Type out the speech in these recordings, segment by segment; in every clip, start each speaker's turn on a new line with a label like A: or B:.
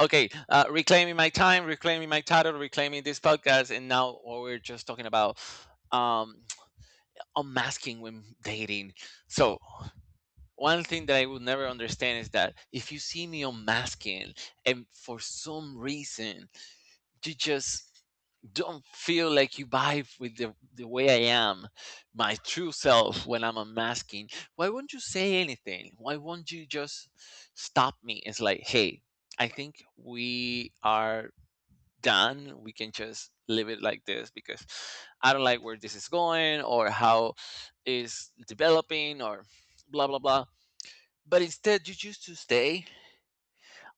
A: Okay, reclaiming my time, reclaiming my title, reclaiming this podcast, and now what we're just talking about, um, unmasking when dating. So one thing that I will never understand is that if you see me unmasking, and for some reason you just don't feel like you vibe with the way I am, my true self when I'm unmasking, why won't you say anything? Why won't you just stop me? It's like, hey, I think we are done. We can just leave it like this because I don't like where this is going, or how is developing, or blah blah blah. But instead you choose to stay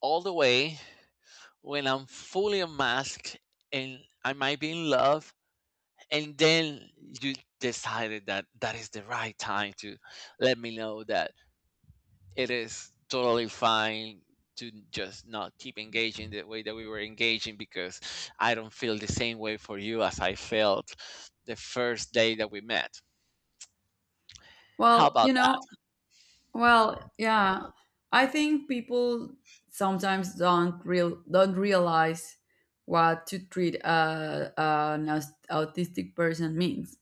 A: all the way when I'm fully unmasked and I might be in love. And then you decided that that is the right time to let me know that it is totally fine to just not keep engaging the way that we were engaging, because I don't feel the same way for you as I felt the first day that we met. How
B: Well,
A: about that?
B: well, yeah. I think people sometimes don't realize what to treat an autistic person means.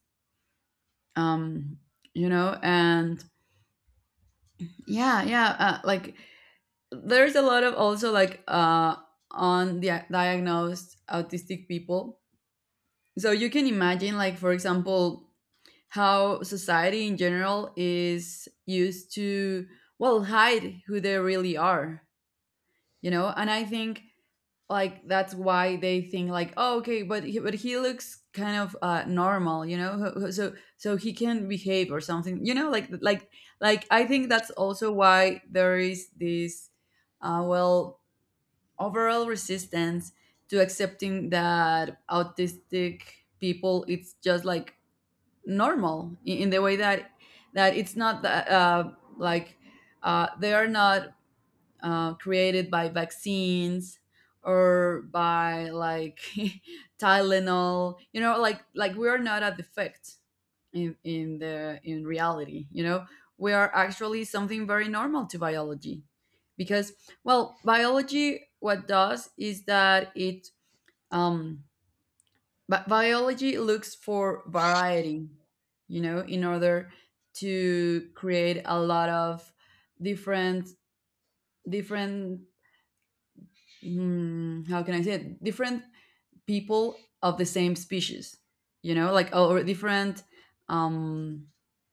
B: Um, and yeah, yeah, like there's a lot of also like on the diagnosed autistic people. So you can imagine like for example how society in general is used to well hide who they really are, you know, and I think like that's why they think like, oh, okay, but he looks kind of normal, you know, so he can behave or something, you know, like I think that's also why there is this well overall resistance to accepting that autistic people it's just like normal in the way that it's not that like they are not created by vaccines or by like Tylenol. You know, like we are not a defect in reality. You know, we are actually something very normal to biology, because well, biology what does is that it um, but biology looks for variety. You know, in order to create a lot of different different how can I say it? Different people of the same species, you know, like or different um,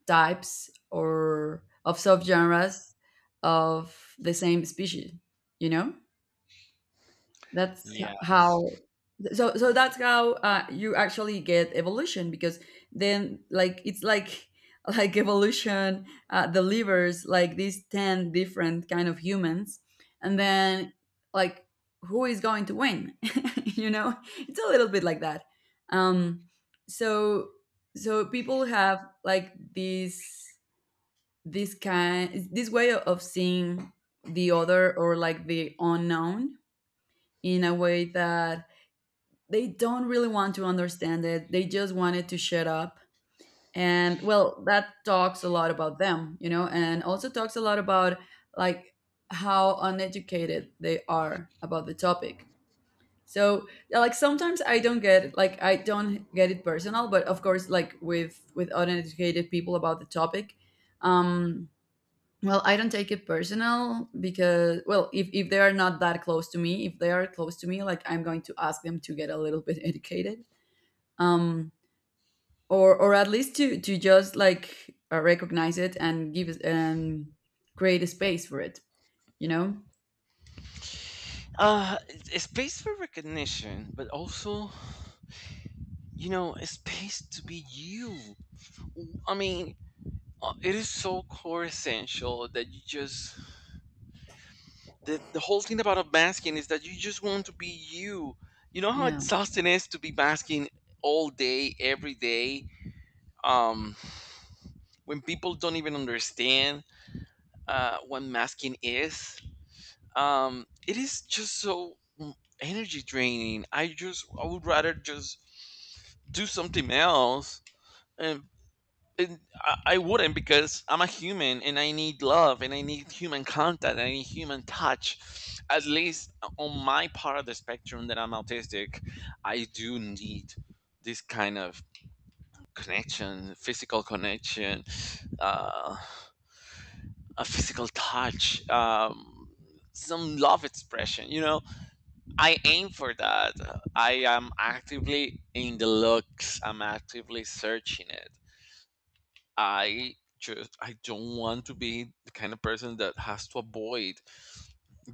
B: types or of subgenres of the same species, you know. That's h-
A: Yes.
B: how So that's how you actually get evolution, because then like it's like like evolution delivers like these 10 different kind of humans, and then like who is going to win. You know, it's a little bit like that. um so so people have like this way of seeing the other or like the unknown in a way that they don't really want to understand it. They just wanted to shut up. And well, that talks a lot about them, you know, and also talks a lot about like how uneducated they are about the topic. So yeah, like sometimes I don't get it personal, but of course like with uneducated people about the topic, um, well, I don't take it personal because, well, if they are not that close to me, if they are close to me, like I'm going to ask them to get a little bit educated. um, or at least to just like recognize it and give it and create a space for it. You know?
A: It's space for recognition, but also, a space to be you. I mean, it is so core essential that you just the whole thing about a masking is that you just want to be you. You know how
B: Yeah.
A: exhausting it is to be masking all day, every day. Um, when people don't even understand, what masking is, it is just so, energy draining. I would rather just do something else. And And I wouldn't, because I'm a human and I need love and I need human contact, and I need human touch. At least on my part of the spectrum that I'm autistic, I do need this kind of connection, physical connection, uh, a physical touch. Some love expression, I aim for that. I am actively in the looks. I'm actively searching it. I don't want to be the kind of person that has to avoid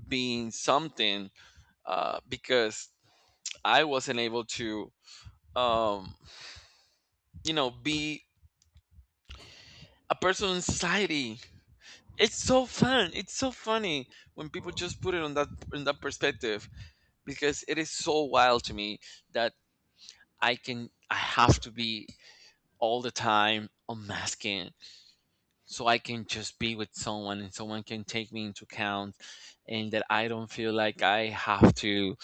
A: being something, because I wasn't able to, um, be a person in society. It's so fun. It's so funny when people just put it on that, in that perspective, because it is so wild to me that I have to be all the time unmasking so I can just be with someone and someone can take me into account, and that I don't feel like I have to,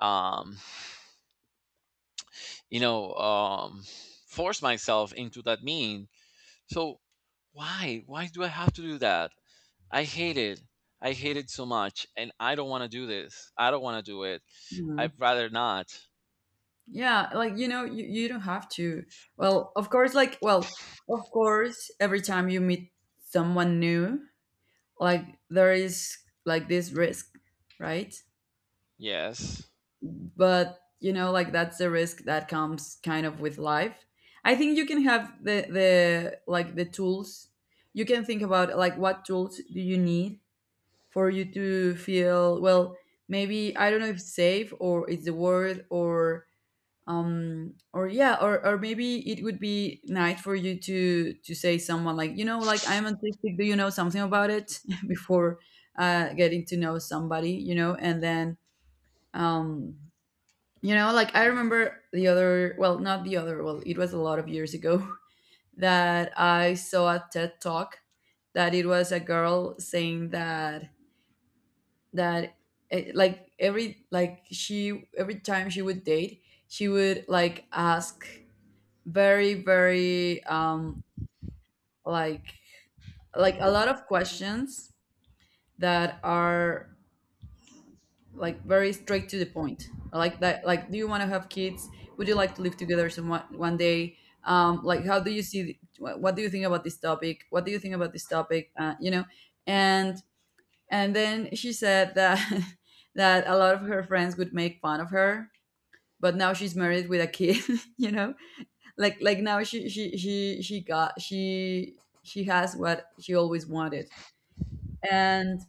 A: um you know um force myself into that mean. So why do I have to do that? I hate it. I hate it so much and I don't want to do this. I don't want to do it.
B: Yeah.
A: I'd rather not.
B: Yeah, like you know, you don't have to. Well, of course, like well, of course, every time you meet someone new, like there is like this risk, right?
A: Yes.
B: But you know like that's the risk that comes kind of with life. I think you can have the tools. You can think about like what tools do you need for you to feel well, maybe I don't know if safe or is the word, or yeah, or maybe it would be nice for you to say someone like, you know, like I'm autistic, do you know something about it before getting to know somebody, you know, and then um you know, like I remember the other, well, not the other, well, it was a lot of years ago that I saw a TED talk that it was a girl saying that like every, like she, every time she would date, she would like ask very, very, like, like a lot of questions that are like very straight to the point. I like that, like do you want to have kids, would you like to live together some one day, like how do you see what do you think about this topic, what do you think about this topic you know. And and then she said that that a lot of her friends would make fun of her, but now she's married with a kid. You know, like now she has what she always wanted, and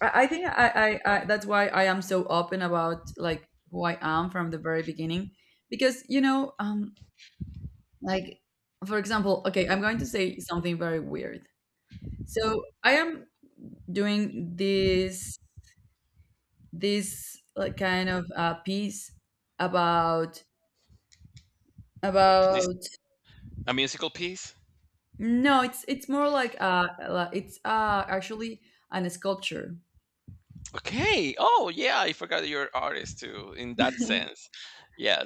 B: I think I that's why I am so open about like who I am from the very beginning, because you know like, for example, okay, I'm going to say something very weird. So I am doing this like kind of piece about
A: This
B: about
A: a musical piece?
B: no, it's more like it's actually an sculpture.
A: Okay. Oh yeah, I forgot you're an artist too in that sense.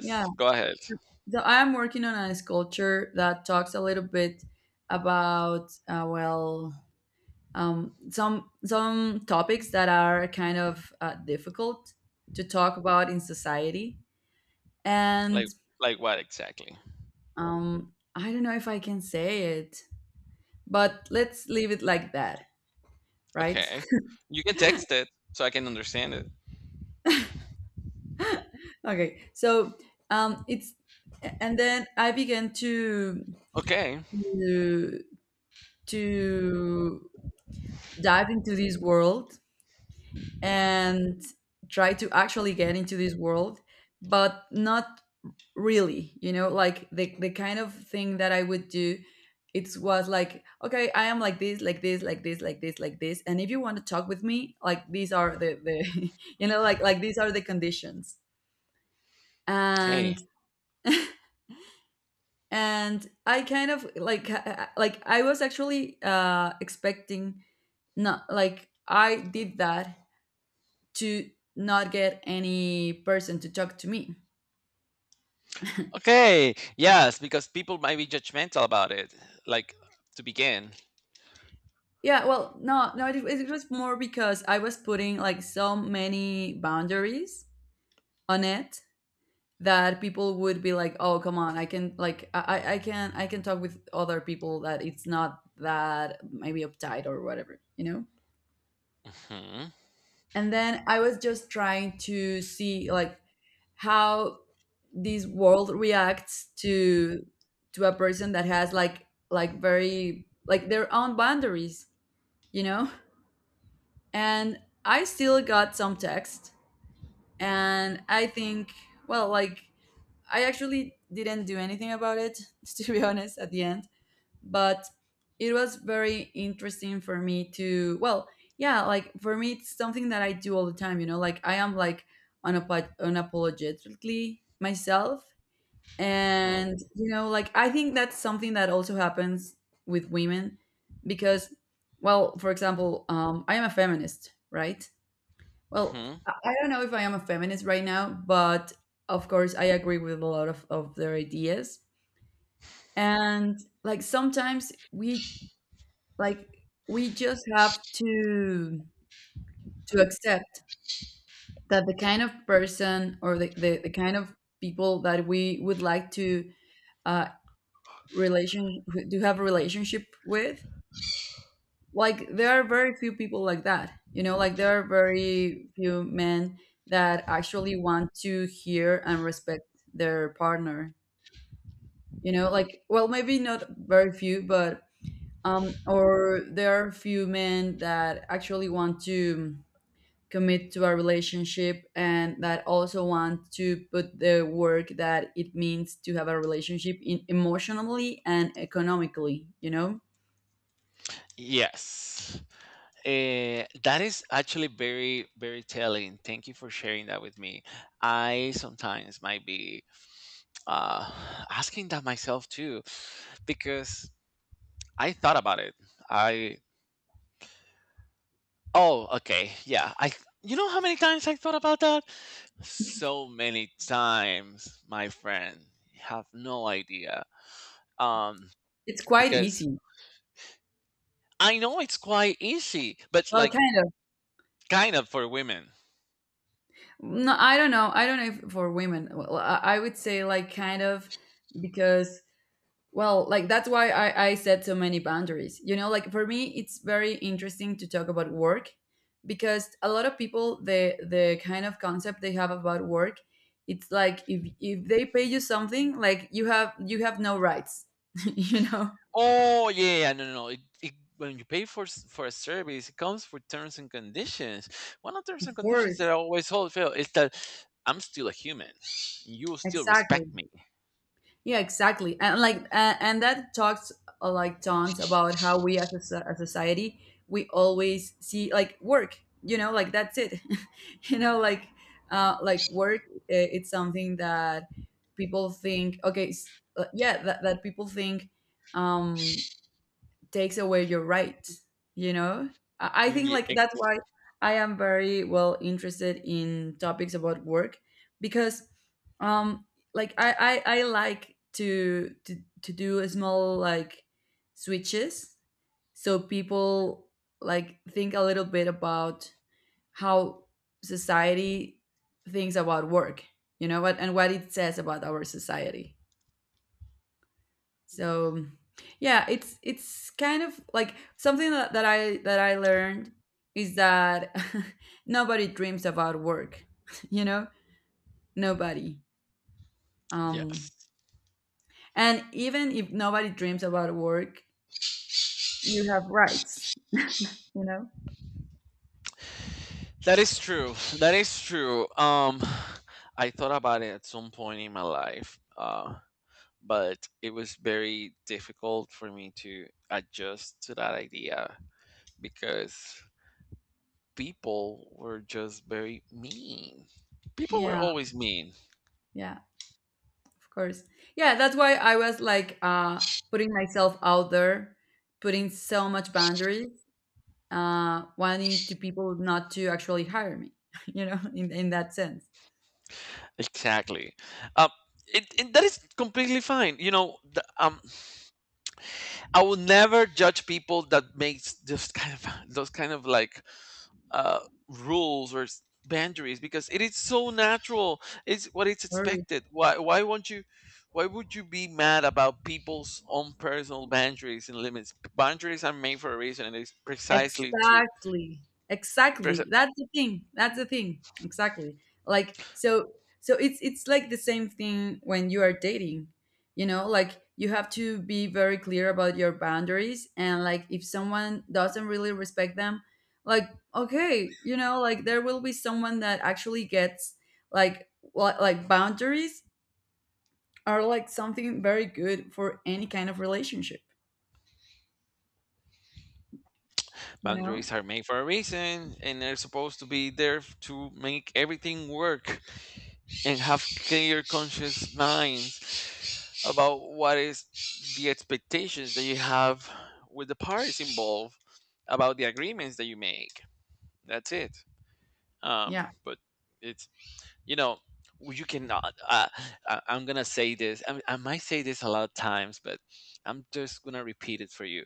B: Yeah.
A: Go ahead.
B: So, so, I'm working on a sculpture that talks a little bit about well, some topics that are kind of difficult to talk about in society, and
A: Like like what exactly?
B: I don't know if I can say it, but let's leave it like that, right?
A: Okay. You can text it so I can understand it.
B: Okay, so it's, and then I began
A: Okay.
B: to to dive into this world and try to actually get into this world, but not really, you know, like the kind of thing that I would do. It was like, okay, I am like this, like this, like this, like this, like this. And if you want to talk with me, like these are the you know, like these are the conditions.
A: Okay.
B: And and I kind of like like I was actually expecting, not like I did that to not get any person to talk to me.
A: Okay. Yes, because people might be judgmental about it. Like to begin.
B: Yeah, well, no, no, it was more because I was putting like so many boundaries on it that people would be like, "Oh, come on, I can like I can talk with other people that it's not that maybe uptight or whatever, you know?"
A: Hmm.
B: And then I was just trying to see like how this world reacts to a person that has like very like their own boundaries, you know? And I still got some text, and I think, well, like I actually didn't do anything about it to be honest at the end, but it was very interesting for me to, well, yeah, like for me it's something that I do all the time, you know, like I am like unapologetically myself,
A: Hmm.
B: and you know like I think that's something that also happens with women, because well, for example, I am a feminist, right? Well,
A: Hmm.
B: I don't know if I am a feminist right now, but of course I agree with a lot of their ideas. And like sometimes we, like we just have to accept that the kind of person or the kind of people that we would like to uh relation to have a relationship with, like there are very few people like that, you know, like there are very few men that actually want to hear and respect their partner, you know, like well, maybe not very few, but or there are few men that actually want to commit to a relationship and that also want to put the work that it means to have a relationship in emotionally and economically, you know.
A: Yes. Eh, that is actually very, very telling. Thank you for sharing that with me. I sometimes might be, uh, asking that myself too, because I thought about it. I Oh, okay. Yeah. I You know how many times I thought about that? So many times, my friend. You have no idea. Um
B: It's quite
A: because
B: easy.
A: I know it's quite easy, but
B: Well,
A: like
B: kind.
A: kind of for women.
B: No, I don't know. I don't know if for women. Well, I would say like kind of, because well, like that's why I set so many boundaries. You know, like for me, it's very interesting to talk about work, because a lot of people, the kind of concept they have about work, it's like if they pay you something, like you have no rights. You know.
A: Oh, yeah, yeah, no, no, no. When you pay for for a service, it comes for terms and conditions. One of terms
B: Of
A: and conditions that
B: course.
A: I always hold fail is that I'm still a human. You will still respect
B: Exactly.
A: me.
B: Yeah, exactly. And like and that talks like tons about how we as a a society, we always see like work, you know, like that's it. You know, like work, it's something that people think, okay, yeah, that people think um takes away your right, you know. I think
A: Yeah,
B: like that's why I am very well interested in topics about work, because um like I like to do a small like switches so people like think a little bit about how society thinks about work. You know what and what it says about our society. So yeah, it's kind of like something that I learned, is that nobody dreams about work, you know? Nobody. Um
A: yes.
B: and even if nobody dreams about work, you have rights, you know?
A: That is true. That is true. I thought about it at some point in my life, but it was very difficult for me to adjust to that idea because people were just very mean. People were
B: Yeah,
A: always mean.
B: yeah, of course. Yeah, that's why I was like putting myself out there, putting so much boundaries, wanting to people not to actually hire me, you know, in that sense.
A: Exactly. Um, that is completely fine. You know, I will never judge people that makes this kind of, those kind of like, uh, rules or boundaries, because it is so natural. It's what it's
B: Or.
A: expected. Why won't you? Why would you be mad about people's own personal boundaries and limits? Boundaries are made for a reason, and it's precisely to
B: Exactly.
A: pres-
B: Exactly. That's the thing. That's the thing. Exactly. Like so it's like the same thing when you are dating. You know, like you have to be very clear about your boundaries and like if someone doesn't really respect them, like okay, you know, like there will be someone that actually gets like what, like boundaries are like something very good for any kind of relationship, you know?
A: boundaries are made for a reason, and they're supposed to be there, to make everything work and have clear, conscious minds about what is the expectations that you have with the parties involved about the agreements that you make. That's it.
B: Yeah.
A: But it's you know you cannot. I'm gonna say this. I might say this a lot of times, but I'm just gonna repeat it for you.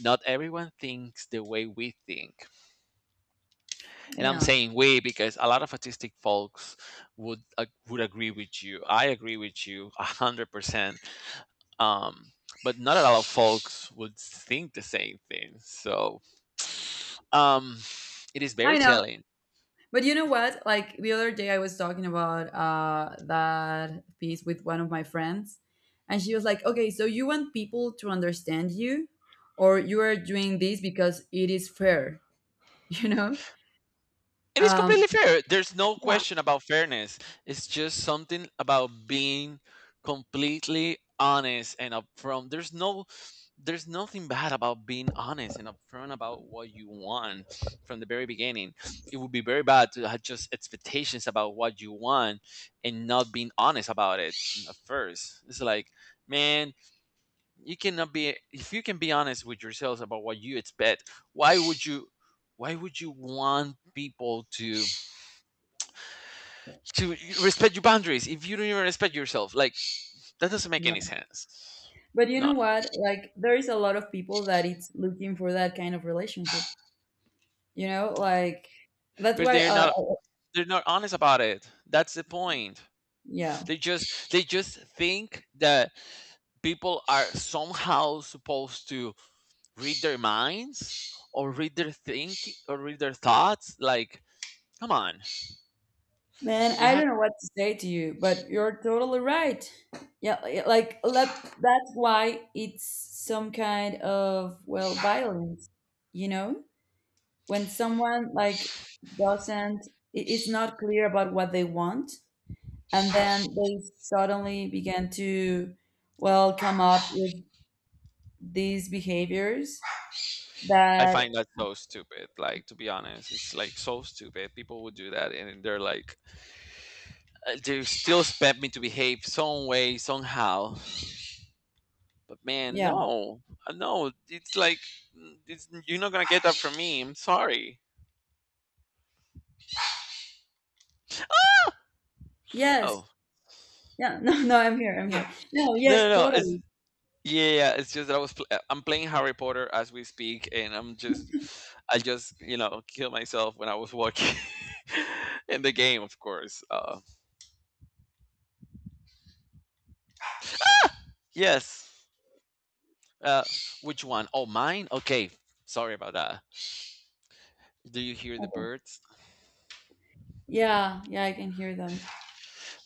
A: Not everyone thinks the way we think, and I'm
B: Yeah.
A: saying we because a lot of autistic folks would agree with you. I agree with you 100%. Um, but not a lot of folks would think the same thing. So, um, it is very
B: I know.
A: telling.
B: But you know what? Like the other day, I was talking about that piece with one of my friends, and she was like, "Okay, so you want people to understand you, or you are doing this because it is fair, you know?"
A: And it's
B: Um,
A: completely fair. There's no
B: yeah,
A: question about fairness. It's just something about being completely honest and upfront. There's nothing bad about being honest and upfront about what you want from the very beginning. It would be very bad to have just expectations about what you want and not being honest about it at first. It's like, man, you cannot be if you can be honest with yourselves about what you expect, why would you want people to respect your boundaries if you don't even respect yourself? Like, that doesn't make
B: yeah.
A: any sense.
B: But you
A: No,
B: know what? Like there is a lot of people that it's looking for that kind of relationship. You know, like that's
A: but
B: why.
A: they're not
B: Uh,
A: they're not honest about it. That's the point.
B: yeah.
A: They just think that people are somehow supposed to read their minds, or read their thoughts. Like, come on.
B: Man,
A: You
B: I
A: have
B: don't know what to say to you, but you're totally right. Yeah, like, let, that's why it's some kind of well violence, you know? When someone like doesn't, it's not clear about what they want, and then they suddenly begin to, well, come up with these behaviors
A: I
B: that.
A: find that so stupid, like, to be honest. It's like, so stupid people would do that and they're like, they still expect me to behave some way somehow. But, man,
B: Yeah.
A: no, no, it's like, you're not gonna get that from me. I'm sorry.
B: Yes.
A: Oh,
B: Yeah. No, no, I'm here. I'm
A: no, no,
B: here. No, yes,
A: no, no, it's
B: totally.
A: yeah, yeah. It's just that I was I'm playing Harry Potter as we speak, and I just, kill myself when I was watching in the game, of course. Yes. Uh, which one? Oh, mine. Okay, sorry about that. Do you hear the
B: Okay.
A: birds?
B: Yeah, yeah, I can hear them.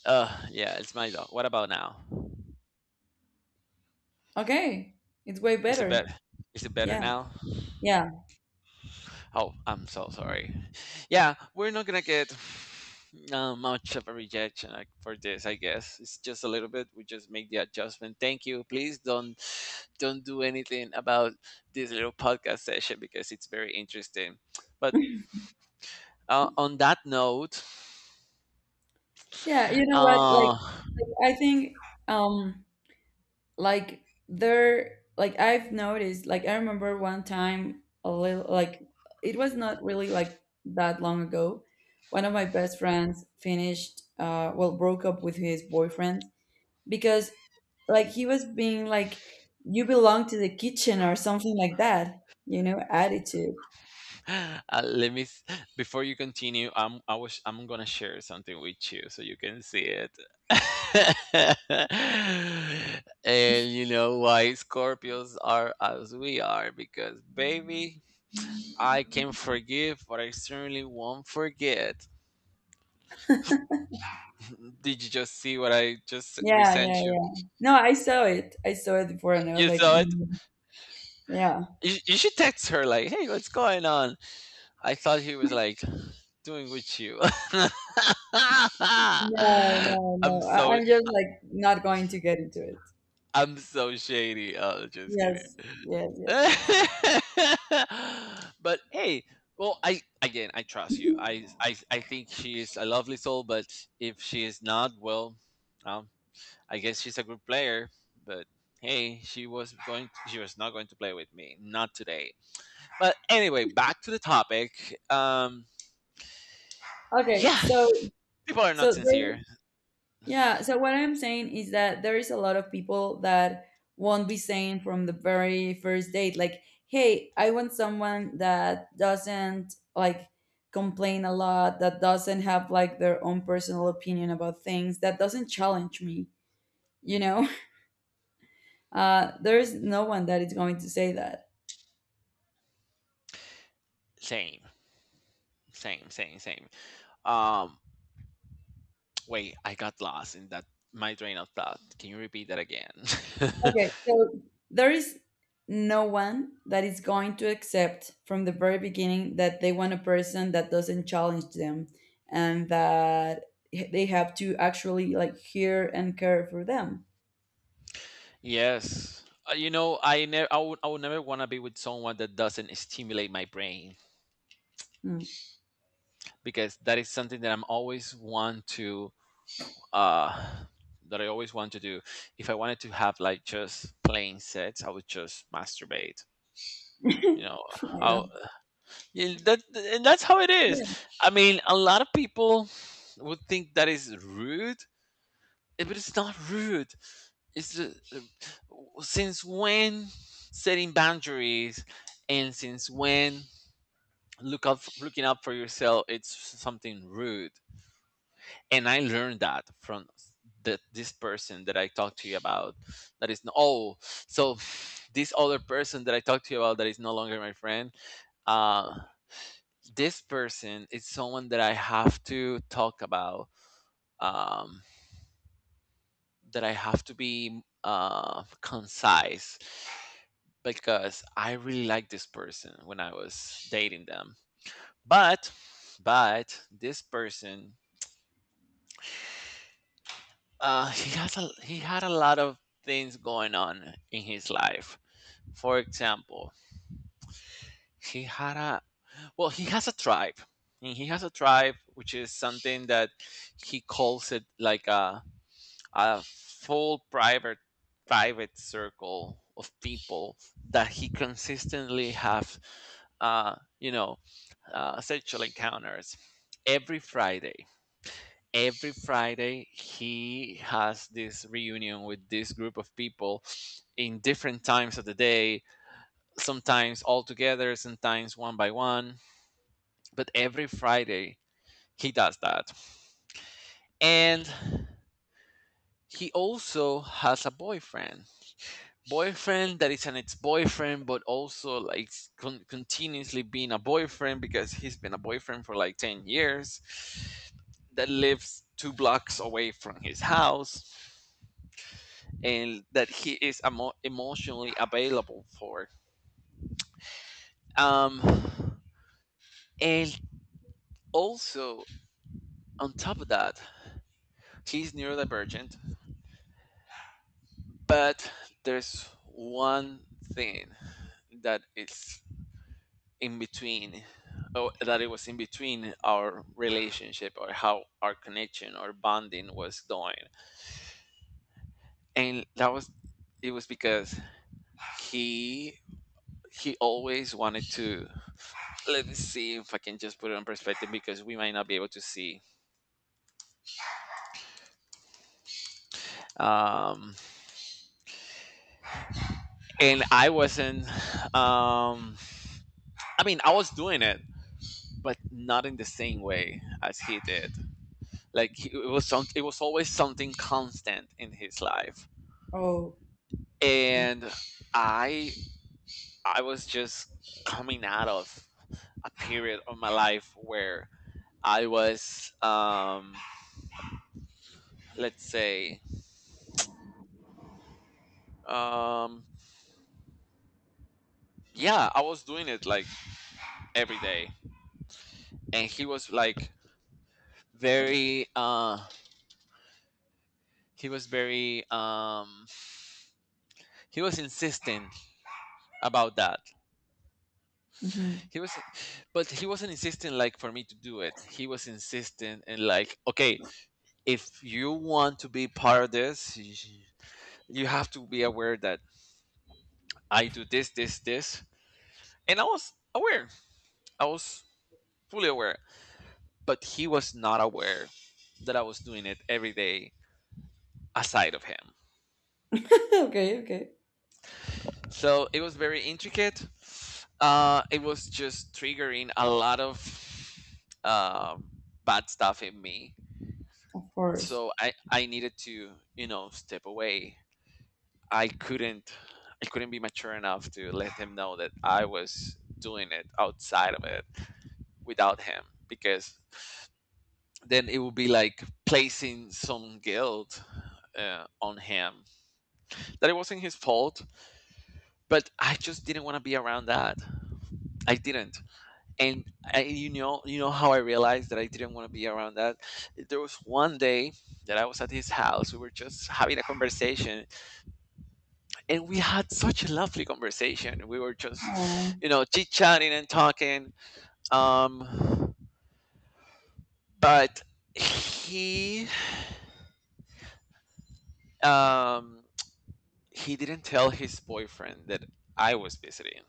A: Yeah, it's my dog. What about now?
B: Okay, it's way
A: Is it better?
B: better.
A: Is it better
B: Yeah,
A: now?
B: yeah,
A: Oh, I'm so sorry. Yeah, we're not gonna get, much of a rejection like, for this. I guess it's just a little bit. We just make the adjustment. Thank you. Please don't do anything about this little podcast session because it's very interesting. But, on that note,
B: yeah. You know what? Like,
A: uh,
B: I think, um, like there, like I've noticed. Like I remember one time, a little, like it was not really like that long ago. One of my best friends finished, well, broke up with his boyfriend because, like, he was being like, "You belong to the kitchen" or something like that. You know, attitude.
A: Let me before you continue. I'm I was I'm gonna share something with you so you can see it. And you know why Scorpios are as we are, because baby, I can forgive, but I certainly won't forget. Did you just see what I just
B: Yeah, yeah,
A: resent you?
B: yeah. No, I saw it. I saw it before, and I was
A: You
B: like,
A: saw it.
B: mm, yeah.
A: You should text her like, "Hey, what's going on?" I thought he was like doing with you.
B: No, no,
A: I'm
B: no. I,
A: so
B: I'm just like not going to get into it.
A: I'm so shady. Oh, just kidding.
B: Yes, yes, yes, yes.
A: But hey, well, I again, I trust you. I think she is a lovely soul, but if she is not, well, um, I guess she's a good player. But hey, she was going. She was not going to play with me. Not today. But anyway, back to the topic.
B: Okay,
A: Yeah,
B: so
A: people are not
B: so there,
A: sincere.
B: yeah. So what I'm saying is that there is a lot of people that won't be saying from the very first date, like, "Hey, I want someone that doesn't like," complain a lot, that doesn't have like their own personal opinion about things, that doesn't challenge me, you know. There is no one that is going to say that.
A: Same, same, same, same. Um, Wait, I got lost in that my train of thought. Can you repeat that again?
B: Okay, so there is no one that is going to accept from the very beginning that they want a person that doesn't challenge them and that they have to actually like hear and care for them.
A: Yes. You know, I would never want to be with someone that doesn't stimulate my brain,
B: Hmm.
A: because that is something that I'm always want to, uh, that I always want to do. If I wanted to have like just plain sex, I would just masturbate. You know,
B: Oh my god.
A: I'll, yeah, that, and that's how it is.
B: Yeah.
A: I mean, a lot of people would think that is rude. Eh, but it's not rude. It's just, since when setting boundaries and since when looking up for yourself, it's something rude. And I learned that from this person that I talked to you about. That is no, Oh, so this other person that I talked to you about, that is no longer my friend, uh, this person is someone that I have to talk about, um, that I have to be, concise, because I really liked this person when I was dating them. But but this person, he had a lot of things going on in his life. For example, he had a, well, he has a tribe. And he has a tribe, which is something that he calls it like a full private circle of people that he consistently have uh, you know sexual encounters every Friday. Every Friday he has this reunion with this group of people in different times of the day, sometimes all together, sometimes one by one, but every Friday he does that. And he also has a boyfriend, boyfriend that is an ex-boyfriend, but also like continuously being a boyfriend, because he's been a boyfriend for like 10 years, that lives two blocks away from his house, and that he is emotionally available for. Um and also, on top of that, he's neurodivergent. But there's one thing that is in between, oh, that it was in between our relationship, or how our connection or bonding was going. And that was, it was because he he always wanted to, let me see if I can just put it in perspective, because we might not be able to see. Um and I wasn't, um I mean, I was doing it, but not in the same way as he did. Like it was it was always something constant in his life.
B: Oh.
A: And i I was just coming out of a period of my life where I was, let's say, um yeah, I was doing it like every day. And he was like very he was very, he was insistent about that.
B: Mm-hmm.
A: He was, but he wasn't insisting like for me to do it. He was insisting, and like, okay, if you want to be part of this, you have to be aware that I do this, this, this. And I was aware. I was fully aware. But he was not aware that I was doing it every day aside of him.
B: Okay, okay.
A: So it was very intricate. It was just triggering a lot of uh, bad stuff in me.
B: Of course.
A: So I needed to, you know, step away. I couldn't, I couldn't be mature enough to let him know that I was doing it outside of it without him, because then it would be like placing some guilt on him, that it wasn't his fault, but I just didn't want to be around that. I didn't. And I, you know how I realized that I didn't want to be around that? There was one day that I was at his house, we were just having a conversation, and we had such a lovely conversation. We were
B: Oh.
A: just, you know, chit-chatting and talking. Um but he, um he didn't tell his boyfriend that I was visiting.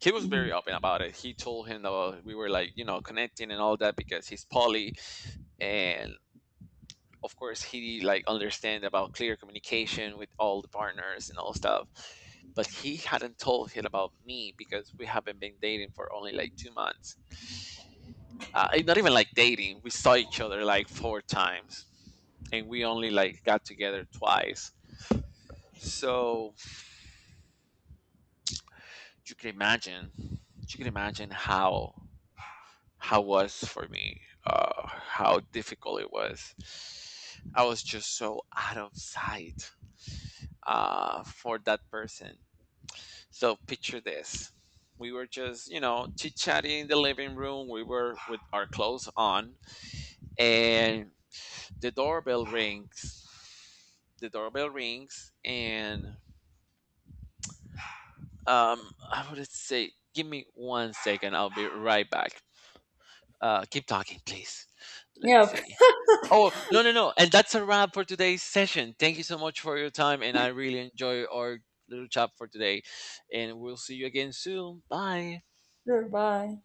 A: He was
B: Hmm.
A: very open about it. He told him that, well, we were like, you know, connecting and all that, because he's poly, and of course he like understand about clear communication with all the partners and all stuff. But he hadn't told him about me because we haven't been dating for only like 2 months. And not even like dating. We saw each other like 4 times, and we only like got together twice. So you can imagine, you can imagine how was for me, how difficult it was. I was just so out of sight for that person. So picture this. We were just, you know, chit chatting in the living room, we were with our clothes on, and the doorbell rings. The doorbell rings, and um I would say, give me one second, I'll be right back. Keep talking, please.
B: Yeah,
A: Let's
B: of course.
A: see. Oh, no, no, no. And that's a wrap for today's session. Thank you so much for your time. And I really enjoy our little chat for today. And we'll see you again soon. Bye.
B: Sure, bye.